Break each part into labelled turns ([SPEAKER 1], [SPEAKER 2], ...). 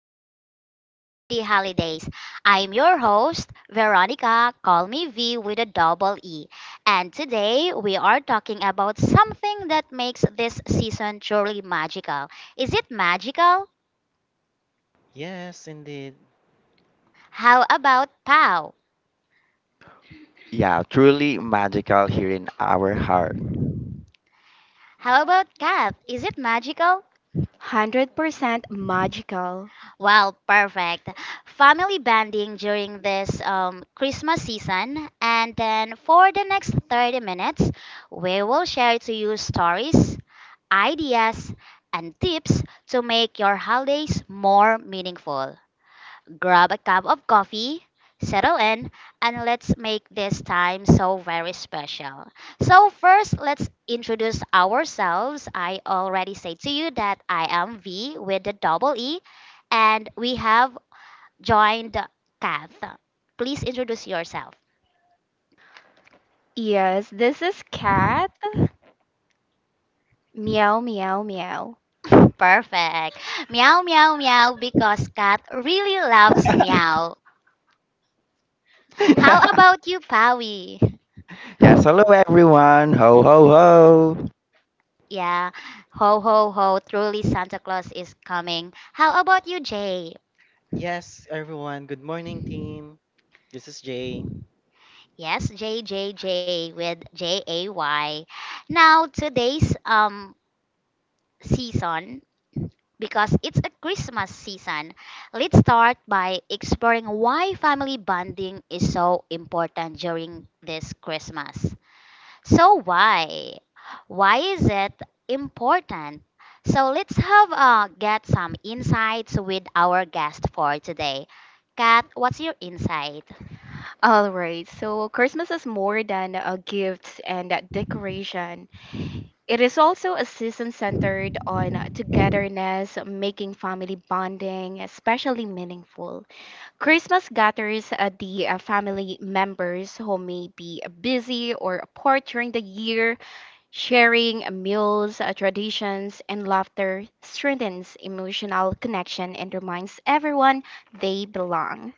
[SPEAKER 1] to Home for the Holidays. I'm your host, Veronica, call me V with a double E. And today we are talking about something that makes this season truly magical. Is it magical?
[SPEAKER 2] Yes, indeed.
[SPEAKER 1] How about Pow? How about Cat? Is it magical?
[SPEAKER 3] 100% magical.
[SPEAKER 1] Well, perfect. Family bonding during this Christmas season. And then for the next 30 minutes, we will share to you stories, ideas, and tips to make your holidays more meaningful. Grab a cup of coffee, settle in, and let's make this time so very special. So, first, let's introduce ourselves. I already said to you that I am V with the double E, and we have joined Kath. Please introduce yourself.
[SPEAKER 3] Yes, this is Cat. Meow, meow, meow.
[SPEAKER 1] Perfect. Meow, meow, meow, because Kat really loves meow. How about you, Pawi? Yeah. Ho, ho, ho. Truly, Santa Claus is coming. How about you, Jay?
[SPEAKER 2] Yes, everyone. Good morning, team. This is Jay.
[SPEAKER 1] Yes, J with Jay. Now, today's season, because it's a Christmas season, let's start by exploring why family bonding is so important during this Christmas. So why? Why is it important? So let's have get some insights with our guest for today. Kat, what's your insight?
[SPEAKER 3] Alright, so Christmas is more than a gift and a decoration. It is also a season centered on togetherness, making family bonding especially meaningful. Christmas gathers the family members who may be busy or apart during the year. Sharing meals, traditions, and laughter strengthens emotional connection and reminds everyone they belong.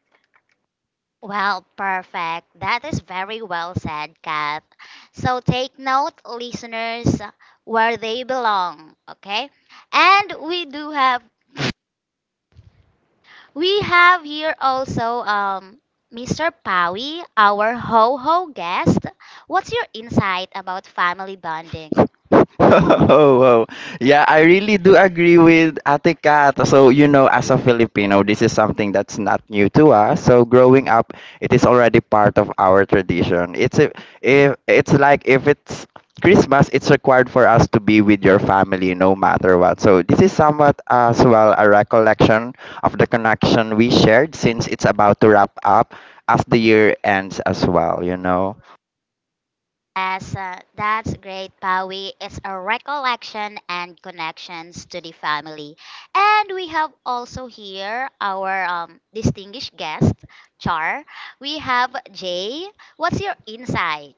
[SPEAKER 1] Well, perfect. That is very well said, Kat. So take note, listeners, where they belong, okay? And we do have We have here also Mr. Pawi, our ho ho guest. What's your insight about family bonding? Yes, that's great, Pawi. It's a recollection and connections to the family. And we have also here our distinguished guest, Char. We have Jay. What's your insight?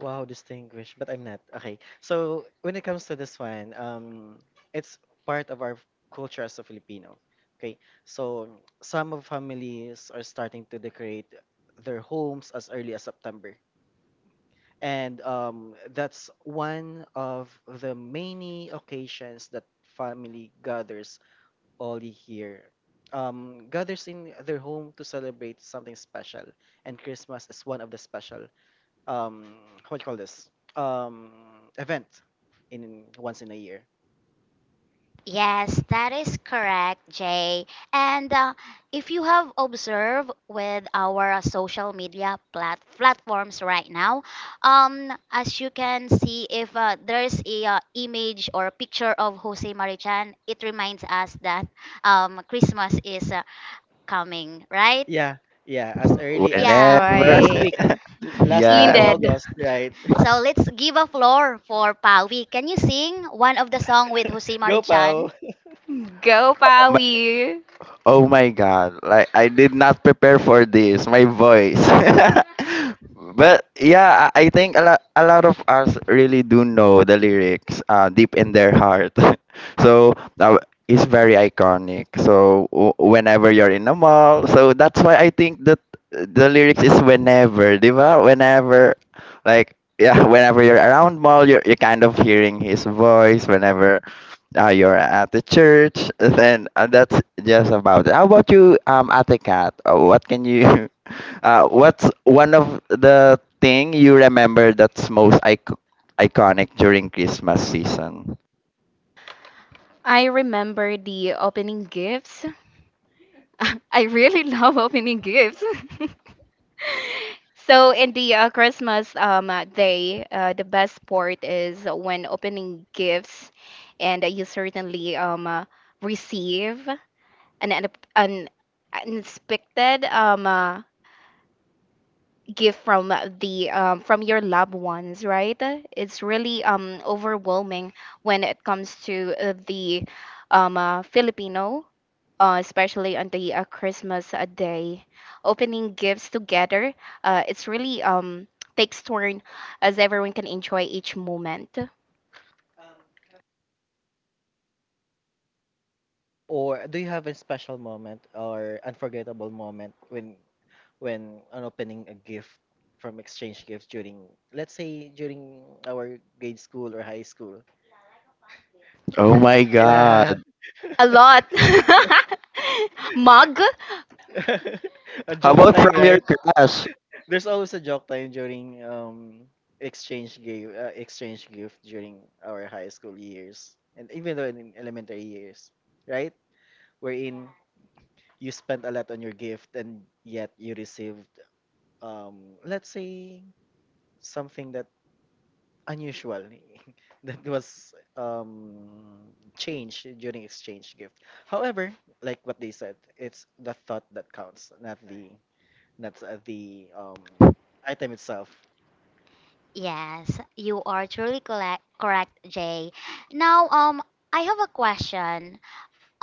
[SPEAKER 2] Wow, distinguished, but I'm not. Okay. So when it comes to this one, it's part of our culture as a Filipino. Okay. So some of families are starting to decorate their homes as early as September. And that's one of the many occasions that family gathers Oli here gathers in their home to celebrate something special, and Christmas is one of the special um, what do you call this um, event in once in a year.
[SPEAKER 1] Yes, that is correct, Jay. And if you have observed with our social media platforms right now, as you can see, if there's a image or a picture of Jose Marichan, it reminds us that Christmas is coming, right?
[SPEAKER 2] Yeah, yeah, as early as
[SPEAKER 1] Yeah.
[SPEAKER 2] last
[SPEAKER 3] Right.
[SPEAKER 2] week, last week of
[SPEAKER 3] Indeed.
[SPEAKER 2] August, right?
[SPEAKER 1] So let's give a floor for Pawi. Can you sing one of the song with Jose
[SPEAKER 2] Go
[SPEAKER 1] Marichan?
[SPEAKER 2] Pau.
[SPEAKER 3] Go, Pawi. I remember the opening gifts. I really love opening gifts. So in the Christmas day, the best part is when opening gifts, and you certainly receive an unexpected gift from the from your loved ones, right? It's really overwhelming when it comes to the Filipino. Especially on the Christmas day, opening gifts together, it's really takes turn as everyone can enjoy each moment.
[SPEAKER 2] Or do you have a special moment or unforgettable moment when on opening a gift from exchange gifts during let's say during our grade school or high school? Yeah.
[SPEAKER 3] A lot. Mug.
[SPEAKER 2] A joke time, right? There's always a joke time during exchange gift during our high school years and even though in elementary years, right? Wherein you spent a lot on your gift and yet you received let's say something that unusual that was changed during exchange gift. However, like what they said, it's the thought that counts, not the item itself.
[SPEAKER 1] Yes, you are truly correct, Jay. Now, I have a question.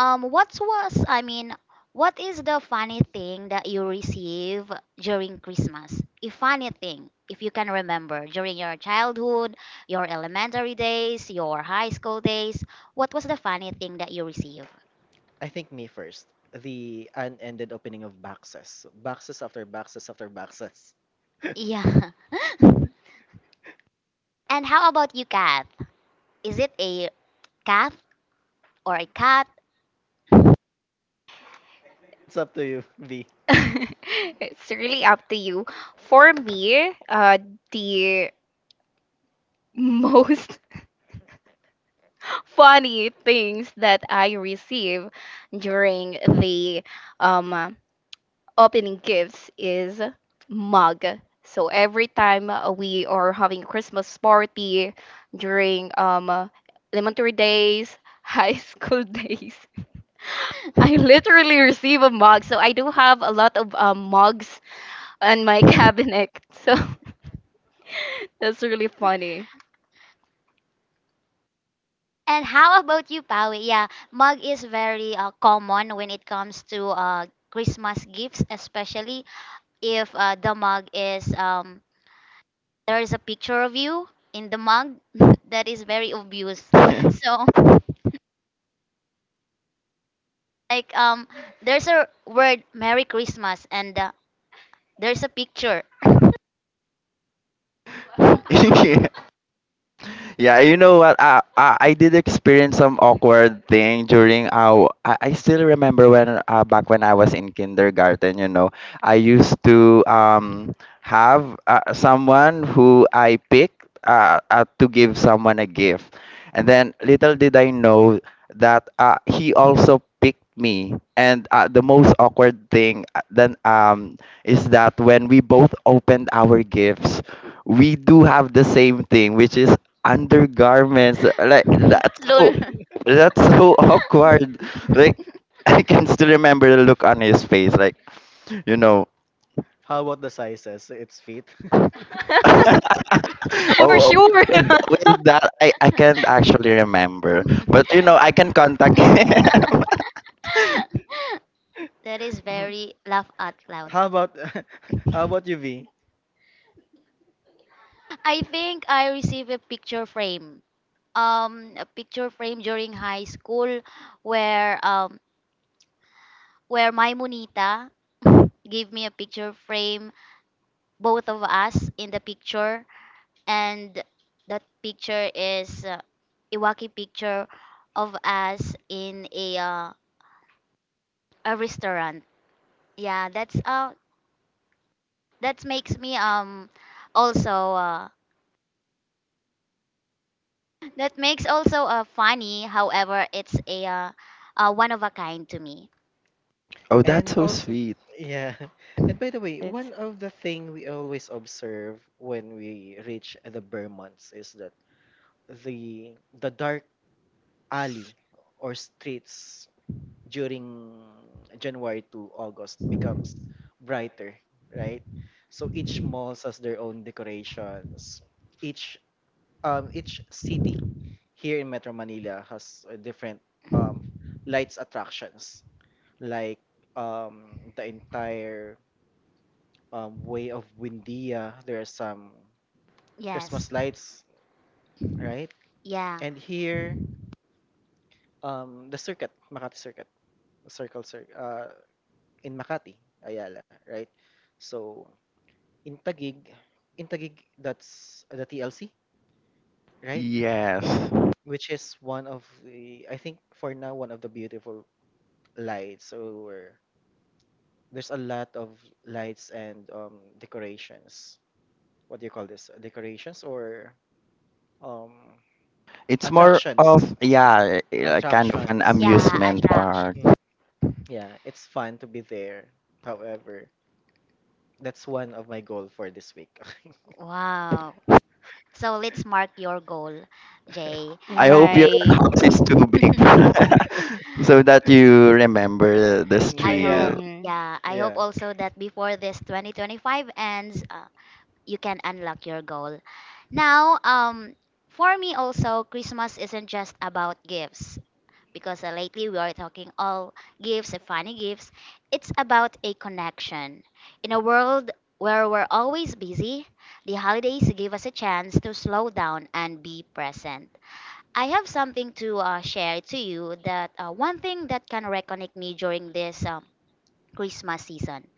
[SPEAKER 1] I mean, what is the funny thing that you receive during Christmas? A funny thing, if you can remember, during your childhood, your elementary days, your high school days, what was the funny thing that you receive?
[SPEAKER 2] I think me first. The unended opening of boxes, boxes after boxes after boxes.
[SPEAKER 1] Yeah. And how about you, Kat? Is it a cat or a cat?
[SPEAKER 2] It's up to you, V.
[SPEAKER 3] It's really up to you. For me, the most funny things that I receive during the um, opening gifts is mug. So every time we are having Christmas party during elementary days, high school days, I literally receive a mug. So I do have a lot of mugs on my cabinet. So that's really funny.
[SPEAKER 1] And how about you, Pawi? Yeah, mug is very common when it comes to Christmas gifts, especially if the mug is there is a picture of you in the mug. That is very obvious. So like there's a word Merry Christmas and there's a picture. Lol.
[SPEAKER 2] How about the sizes? It's feet.
[SPEAKER 3] For sure.
[SPEAKER 1] That is
[SPEAKER 2] Mhm.
[SPEAKER 1] very laugh out loud.
[SPEAKER 2] How about how about you, V?
[SPEAKER 1] I think I received a picture frame. A picture frame during high school where um where Maimunita gave me a picture frame, both of us in the picture, and that picture is Iwaki picture of us in a restaurant. Yeah, that makes me also that makes also funny. However, it's a one of a kind to me.
[SPEAKER 2] And also, yeah. And by the way,
[SPEAKER 3] It's-
[SPEAKER 2] one of the thing we always observe when we reach the Burr months is that the the dark alley or streets during January to August becomes brighter, right? So each malls has their own decorations. Each each city here in Metro Manila has different um lights attractions like the entire way of Windia, there are some
[SPEAKER 1] Yes.
[SPEAKER 2] Christmas lights, right?
[SPEAKER 1] Yeah.
[SPEAKER 2] And here, the circuit, Makati Circuit, Circle Circuit, in Makati, Ayala, right? So in Tagig, in Tagig, that's the TLC, right? Which is one of the, I think for now, one of the beautiful lights. Or there's a lot of lights and decorations. What do you call this? Decorations or um, attractions? Attractions.
[SPEAKER 1] Yeah, attractions.
[SPEAKER 2] Mm, yeah, it's fun to be there. However, that's one of my goal for this week.
[SPEAKER 1] Wow. So let's mark your goal, Jay.
[SPEAKER 3] Right.
[SPEAKER 2] Mm,
[SPEAKER 1] I hope,
[SPEAKER 2] yeah,
[SPEAKER 3] Mm.
[SPEAKER 1] yeah, I hope
[SPEAKER 2] yeah.
[SPEAKER 1] also that before this 2025 ends, you can unlock your goal. Now, for me also, Christmas isn't just about gifts because lately we are talking all gifts, funny gifts. It's about a connection. In a world where we're always busy, the holidays give us a chance to slow down and be present. I have something to share to you that one thing that can reconnect me during this Christmas season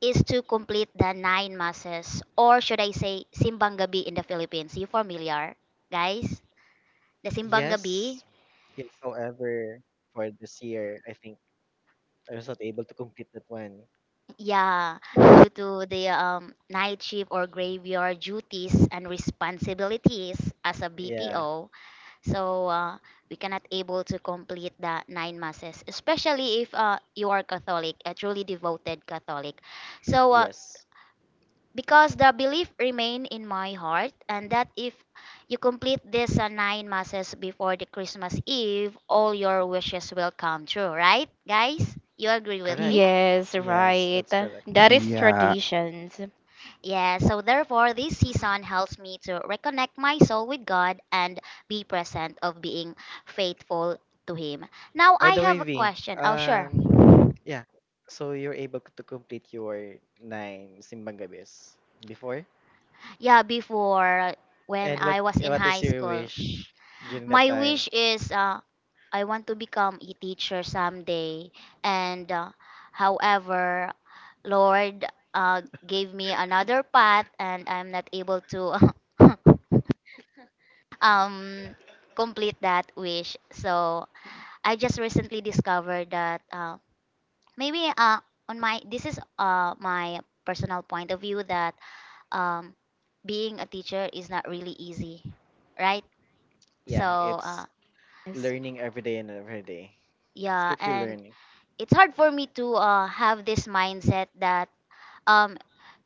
[SPEAKER 1] is to complete the nine masses, or should I say, Simbang Gabi in the Philippines. You familiar, guys? The Simbang
[SPEAKER 2] Yes,
[SPEAKER 1] Gabi?
[SPEAKER 2] yes. However, for this year, I think I was not able to complete that one.
[SPEAKER 1] Yeah, due to the night shift or graveyard duties and responsibilities as a
[SPEAKER 2] Yeah.
[SPEAKER 1] BPO, so we cannot able to complete the nine masses, especially if you are Catholic, a truly devoted Catholic. So
[SPEAKER 2] Yes.
[SPEAKER 1] because the belief remain in my heart, and that if you complete this nine masses before the Christmas Eve, all your wishes will come true, right, guys? You agree with
[SPEAKER 2] Correct.
[SPEAKER 1] me?
[SPEAKER 3] Yes,
[SPEAKER 2] Yes,
[SPEAKER 3] right.
[SPEAKER 2] that's correct.
[SPEAKER 3] That is traditions.
[SPEAKER 1] Yeah, so therefore this season helps me to reconnect my soul with God and be present of being faithful to him. Now
[SPEAKER 2] By
[SPEAKER 1] I
[SPEAKER 2] the way,
[SPEAKER 1] have a
[SPEAKER 2] V,
[SPEAKER 1] question. Oh, sure.
[SPEAKER 2] yeah. So you're able to complete your nine simbang gabis before?
[SPEAKER 1] Yeah, before when
[SPEAKER 2] And what
[SPEAKER 1] I was in
[SPEAKER 2] what is
[SPEAKER 1] high
[SPEAKER 2] your
[SPEAKER 1] school,
[SPEAKER 2] wish during that
[SPEAKER 1] my
[SPEAKER 2] time?
[SPEAKER 1] wish is I want to become a teacher someday. And however, Lord gave me another path, and I'm not able to um complete that wish. So I just recently discovered that maybe on my this is my personal point of view that um, being a teacher is not really easy, right? So
[SPEAKER 2] Yeah,
[SPEAKER 1] uh,
[SPEAKER 2] it's
[SPEAKER 3] Yes.
[SPEAKER 2] learning every day and every day. It's
[SPEAKER 1] yeah,
[SPEAKER 2] keep you
[SPEAKER 1] and
[SPEAKER 2] learning.
[SPEAKER 1] it's hard for me to have this mindset that um,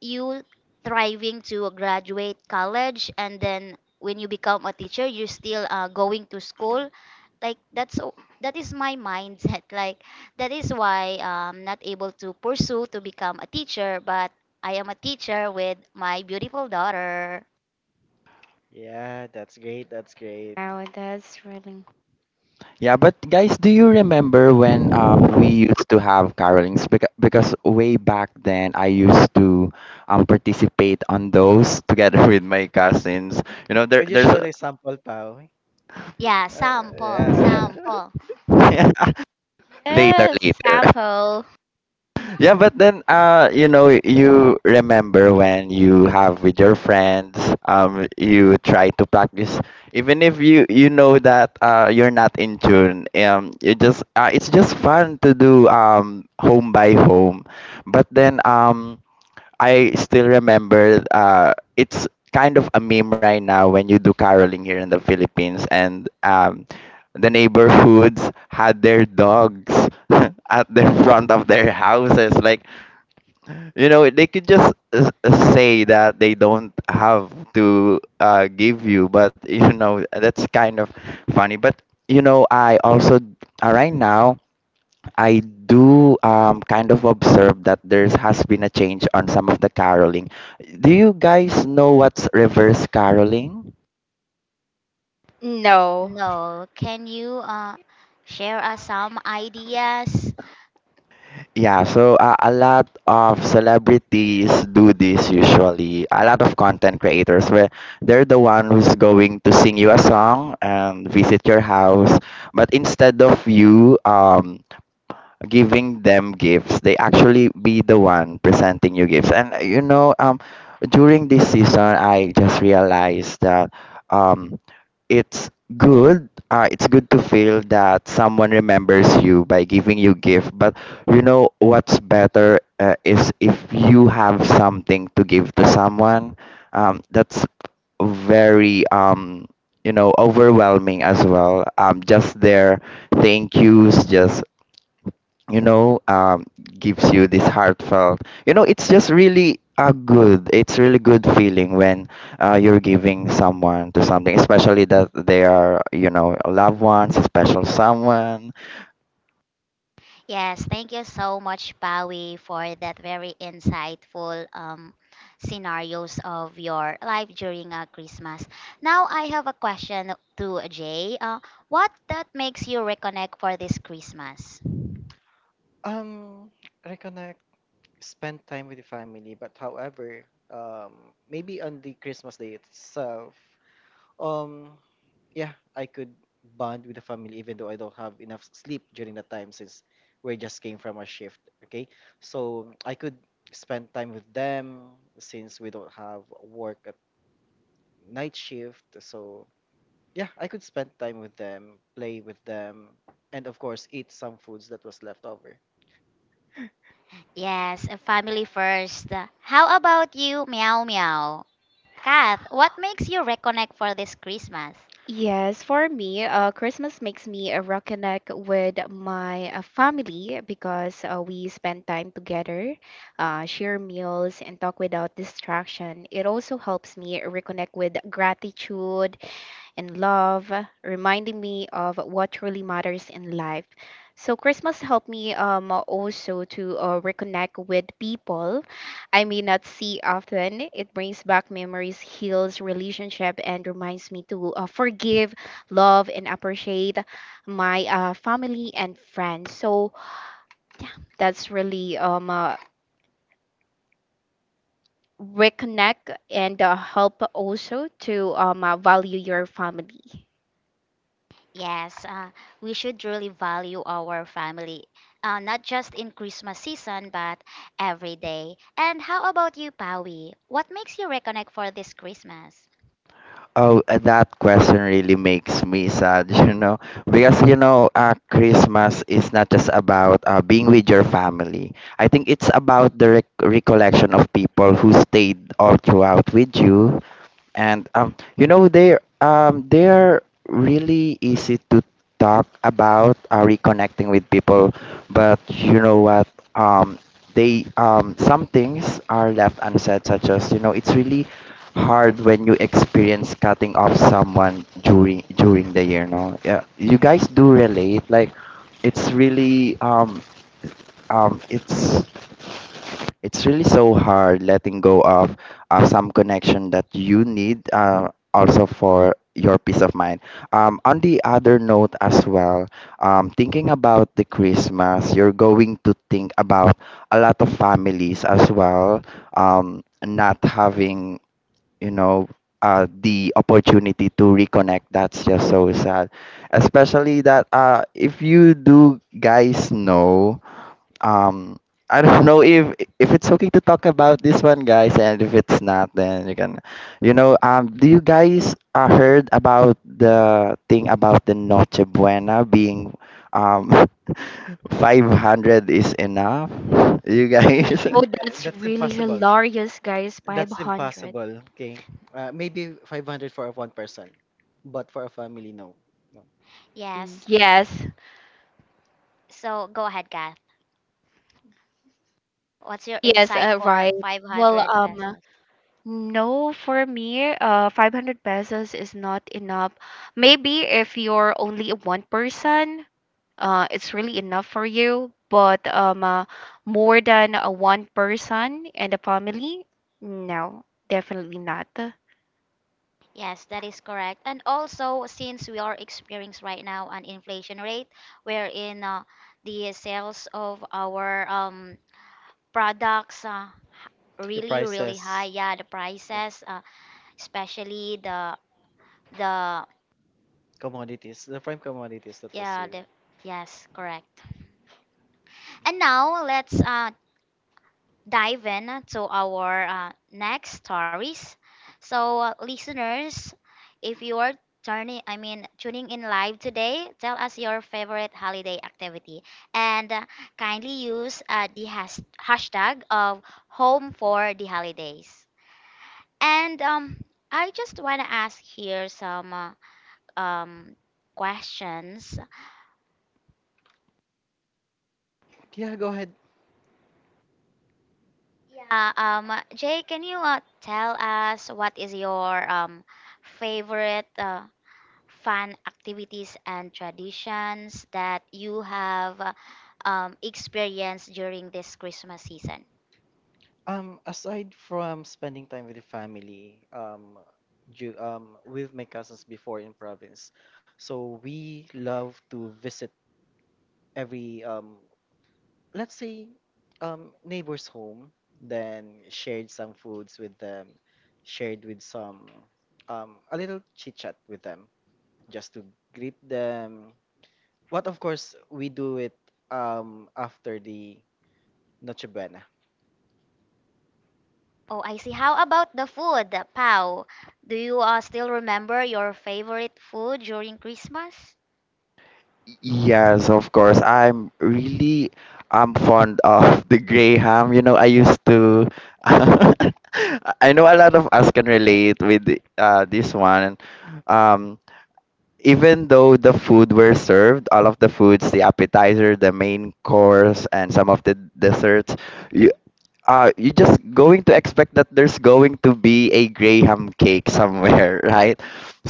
[SPEAKER 1] you thriving to graduate college, and then when you become a teacher you're still going to school, like that is my mindset. Like that is why I'm not able to pursue to become a teacher, but I am a teacher with my beautiful daughter.
[SPEAKER 2] Yeah, that's great. That's great.
[SPEAKER 3] Wow, that's really
[SPEAKER 2] Could you show the sample, Pao?
[SPEAKER 1] Yeah,
[SPEAKER 2] Uh,
[SPEAKER 1] sample,
[SPEAKER 2] yeah.
[SPEAKER 1] sample.
[SPEAKER 3] a sample. No.
[SPEAKER 1] No, can you share us some ideas? Yes, thank you so much, Pawi, for that very insightful scenarios of your life during Christmas. Now, I have a question to Jay. What that makes you reconnect for this Christmas?
[SPEAKER 2] um, reconnect, spend time with the family, but however, um, maybe on the Christmas day itself, um, yeah, I could bond with the family even though I don't have enough sleep during that time since we just came from a shift. Okay, so I could spend time with them since we don't have work at night shift. So yeah, I could spend time with them, play with them, and of course eat some foods that was left over.
[SPEAKER 1] Yes, family first. How about you, Meow Meow? Kath, what makes you reconnect for this Christmas?
[SPEAKER 3] Yes, for me, Christmas makes me reconnect with my family because we spend time together, share meals, and talk without distraction. It also helps me reconnect with gratitude and love, reminding me of what truly matters in life. So Christmas helped me also to reconnect with people I may not see often. It brings back memories, heals relationship, and reminds me to forgive, love, and appreciate my family and friends. So that's really reconnect and help also to value your family.
[SPEAKER 1] Yes, we should really value our family, not just in Christmas season, but every day. And how about you, Pawi? What makes you reconnect for this Christmas?
[SPEAKER 2] I think
[SPEAKER 3] Oh, that's
[SPEAKER 2] that's
[SPEAKER 3] really
[SPEAKER 2] impossible.
[SPEAKER 3] hilarious, guys.
[SPEAKER 2] That's
[SPEAKER 3] 500.
[SPEAKER 2] impossible. Okay, maybe 500 for one person, but for a family, no. No.
[SPEAKER 3] Mm.
[SPEAKER 1] Yes,
[SPEAKER 3] Yes.
[SPEAKER 1] so go ahead, Kath. What's your
[SPEAKER 3] Yes,
[SPEAKER 1] insight for
[SPEAKER 3] right. Well,
[SPEAKER 1] 500 pesos?
[SPEAKER 3] no, for me, 500 pesos is not enough. Maybe if you're only one person, it's really enough for you. But more than one person and a family, no, definitely not.
[SPEAKER 1] Yes, that is correct. And also, since we are experiencing right now an inflation rate, wherein the sales of our products
[SPEAKER 2] The
[SPEAKER 1] really, really high.
[SPEAKER 2] prices,
[SPEAKER 1] Yeah, the
[SPEAKER 2] yeah,
[SPEAKER 1] prices. Especially the,
[SPEAKER 2] commodities, the prime commodities that was
[SPEAKER 1] yeah,
[SPEAKER 2] you.
[SPEAKER 1] the, yes, correct. And now let's dive in to our next stories. So, listeners, if you are turning I mean, tuning in live today, tell us your favorite holiday activity, and kindly use the hashtag of Home for the Holidays. And I just want to ask here some um questions.
[SPEAKER 2] Yeah, go ahead.
[SPEAKER 1] Jay, can you tell us what is your favorite fun activities and traditions that you have experienced during this Christmas season?
[SPEAKER 2] Aside from spending time with the family, with my cousins before in province, so we love to visit every let's say, neighbor's home, then shared some foods with them, shared with some, a little chit chat with them, just to greet them, what of course we do it after the Noche Buena.
[SPEAKER 1] Oh, I see. How about the food, Pau? Do you still remember your favorite food during Christmas?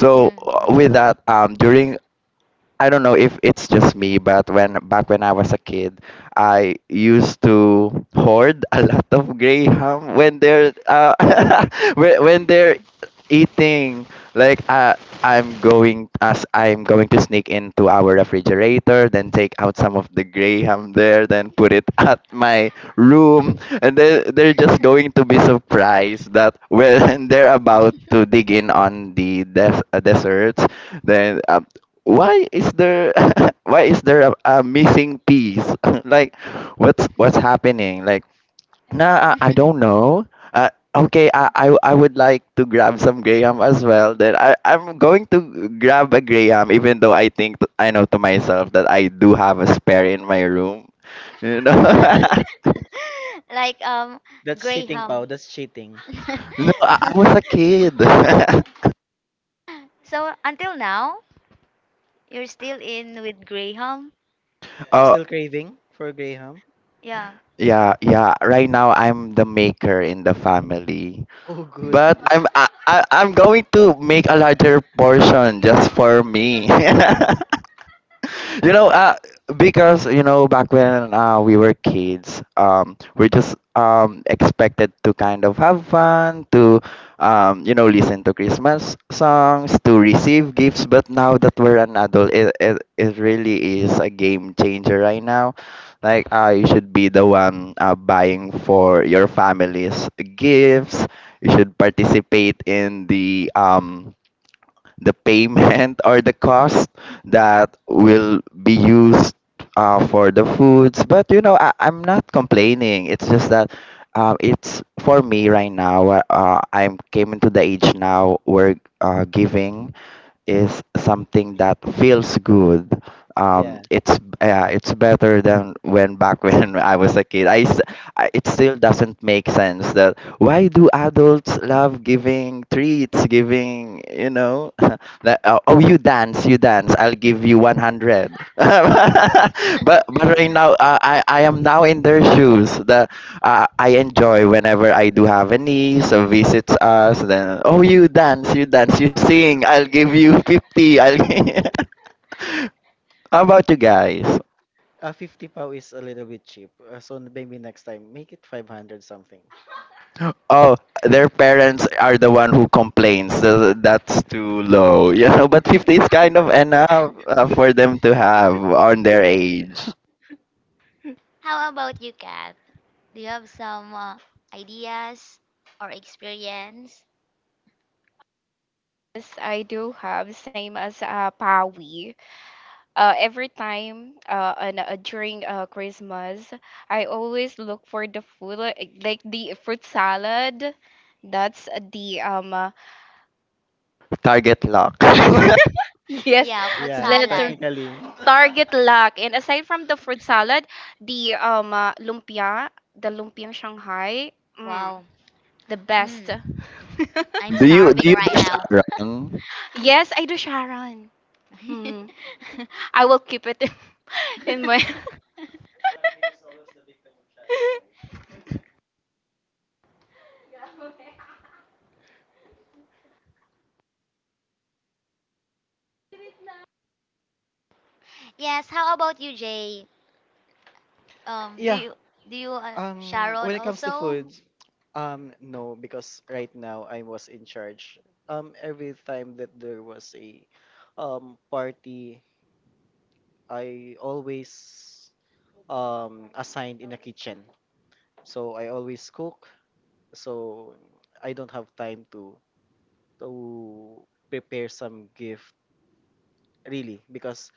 [SPEAKER 1] Mhm. Like
[SPEAKER 2] That's cheating,
[SPEAKER 1] Graham.
[SPEAKER 2] Pau. That's cheating.
[SPEAKER 1] So until now, you're still in with Graham?
[SPEAKER 2] Still craving for Graham?
[SPEAKER 1] Yeah.
[SPEAKER 2] Oh, good. Y- Yeah. 50 Pau is a little bit cheap. So maybe next time, make it 500 something.
[SPEAKER 1] How about you, Kat? Do you have some ideas or experience?
[SPEAKER 3] Yes, I do have same as Pawi. Every time during Christmas, I always look for the food like the fruit salad. That's the yes
[SPEAKER 1] Yeah, fruit
[SPEAKER 2] Yeah,
[SPEAKER 3] letter
[SPEAKER 1] salad.
[SPEAKER 2] technically.
[SPEAKER 3] target lock. And aside from the fruit salad, the lumpia, the lumpiang Shanghai, mm,
[SPEAKER 1] Wow.
[SPEAKER 3] the best.
[SPEAKER 1] Mm, I'm starving right now.
[SPEAKER 3] Yes, I do, Sharon. Mm. I will keep it in my.
[SPEAKER 1] Yes. How about you, Jay? Um, do
[SPEAKER 2] Yeah.
[SPEAKER 1] you do you
[SPEAKER 2] Um,
[SPEAKER 1] Sharon
[SPEAKER 2] when it comes to
[SPEAKER 1] also?
[SPEAKER 2] food, no, because right now I was in charge. Every time that there was a party I always assigned in a kitchen. So I always cook. So I don't have time to prepare some gift really because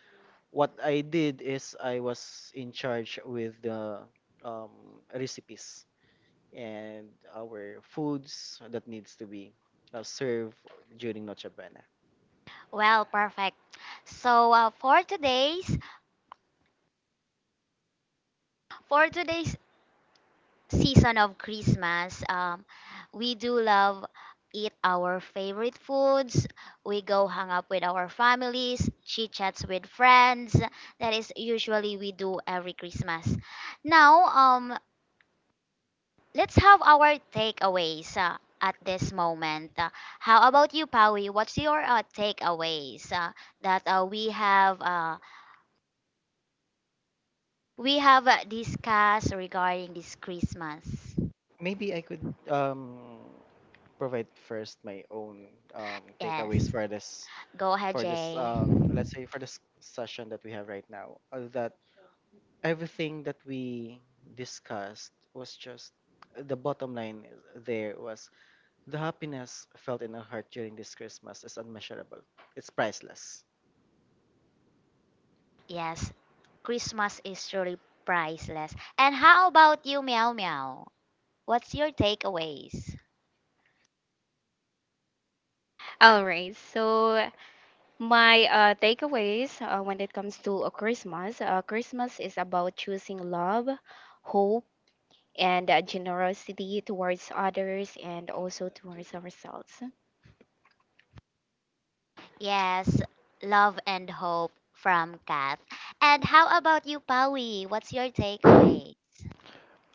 [SPEAKER 2] what I did is I was in charge with the um, recipes and our foods that needs to be served during Noche Buena.
[SPEAKER 1] Well, perfect. So, for today's season of Christmas, we do love eat our favorite foods. We go hang up with our families, chit chats with friends. That is usually we do every Christmas. Now, let's have our takeaways at this moment. How about you, Pawi? What's your takeaways that we have discussed regarding this Christmas?
[SPEAKER 2] Maybe I could um provide first my own takeaways
[SPEAKER 1] Yes,
[SPEAKER 2] for this
[SPEAKER 1] go ahead, Jay.
[SPEAKER 2] let's say for this session that we have right now that everything that we discussed was just the bottom line. There was the happiness felt in our heart during this Christmas is unmeasurable. It's priceless.
[SPEAKER 1] Yes, Christmas is truly priceless. And how about you, Meow Meow? What's your takeaways?
[SPEAKER 3] All right. So my takeaways when it comes to a Christmas, Christmas is about choosing love, hope, and generosity towards others and also towards ourselves.
[SPEAKER 1] Yes, love and hope from Kath. And how about you, Pawi? What's your
[SPEAKER 4] uh,
[SPEAKER 1] takeaway?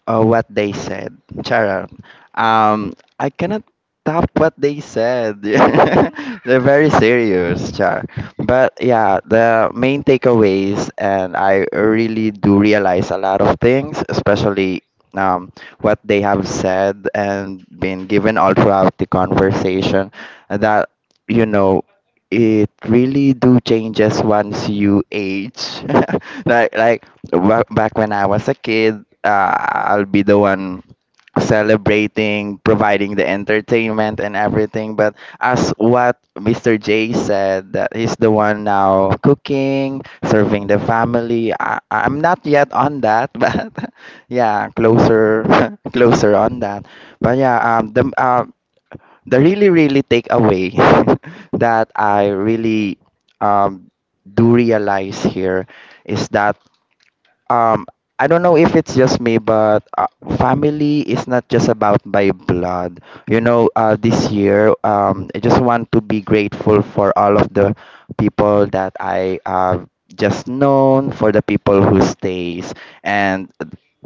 [SPEAKER 4] what they said. Charot. Um, I cannot top what they said. They're very serious, Char. But yeah, the main takeaways, and I really do realize a lot of things, especially um, what they have said and been given all throughout the conversation, that you know. It really do changes once you age. like like Back when I was a kid, I'll be the one celebrating, providing the entertainment and everything. But as what Mr. J said, that he's the one now cooking, serving the family. I'm not yet on that, but yeah, closer, closer on that. But yeah, the really takeaway that I really um do realize here is that um I don't know if it's just me, but family is not just about by blood. You know, this year, I just want to be grateful for all of the people that I just known, for the people who stays, and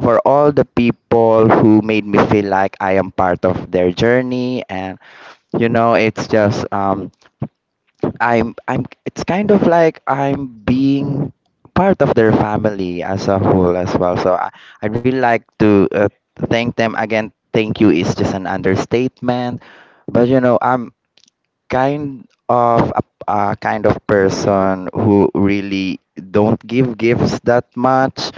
[SPEAKER 4] for all the people who made me feel like I am part of their journey. And you know, it's just I'm, it's kind of like I'm being part of their family as a whole as well. So I really like to thank them again. Thank you is just an understatement, but you know I'm kind of a kind of person who really don't give gifts that much.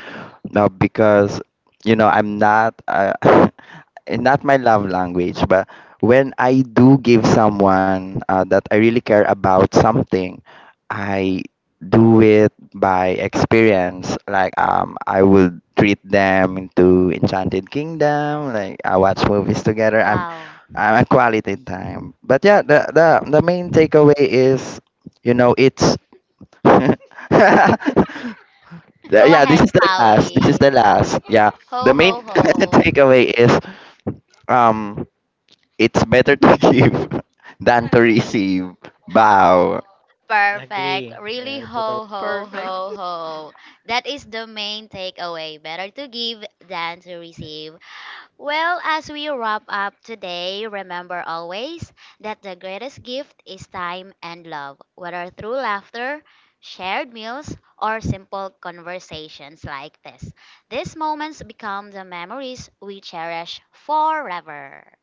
[SPEAKER 4] Now because you know I'm not. And not my love language, but when I do give someone that I really care about something, I do it by experience. Like I will treat them into Enchanted Kingdom. Like I watch movies together.
[SPEAKER 1] Wow.
[SPEAKER 4] I'm a quality time. But yeah, the main takeaway is, you know, it's.
[SPEAKER 1] Go
[SPEAKER 4] Yeah, this
[SPEAKER 1] ahead,
[SPEAKER 4] is the last. This is
[SPEAKER 1] Pawi.
[SPEAKER 4] the last. Yeah,
[SPEAKER 1] Ho,
[SPEAKER 4] the
[SPEAKER 1] ho,
[SPEAKER 4] main
[SPEAKER 1] ho.
[SPEAKER 4] takeaway is um it's better to give than to receive. Bow.
[SPEAKER 1] Perfect. Really
[SPEAKER 2] Totally.
[SPEAKER 1] ho ho ho ho. That is the main takeaway. Better to give than to receive. Well, as we wrap up today, remember always that the greatest gift is time and love, whether through laughter, shared meals, or simple conversations like this. These moments become the memories we cherish forever.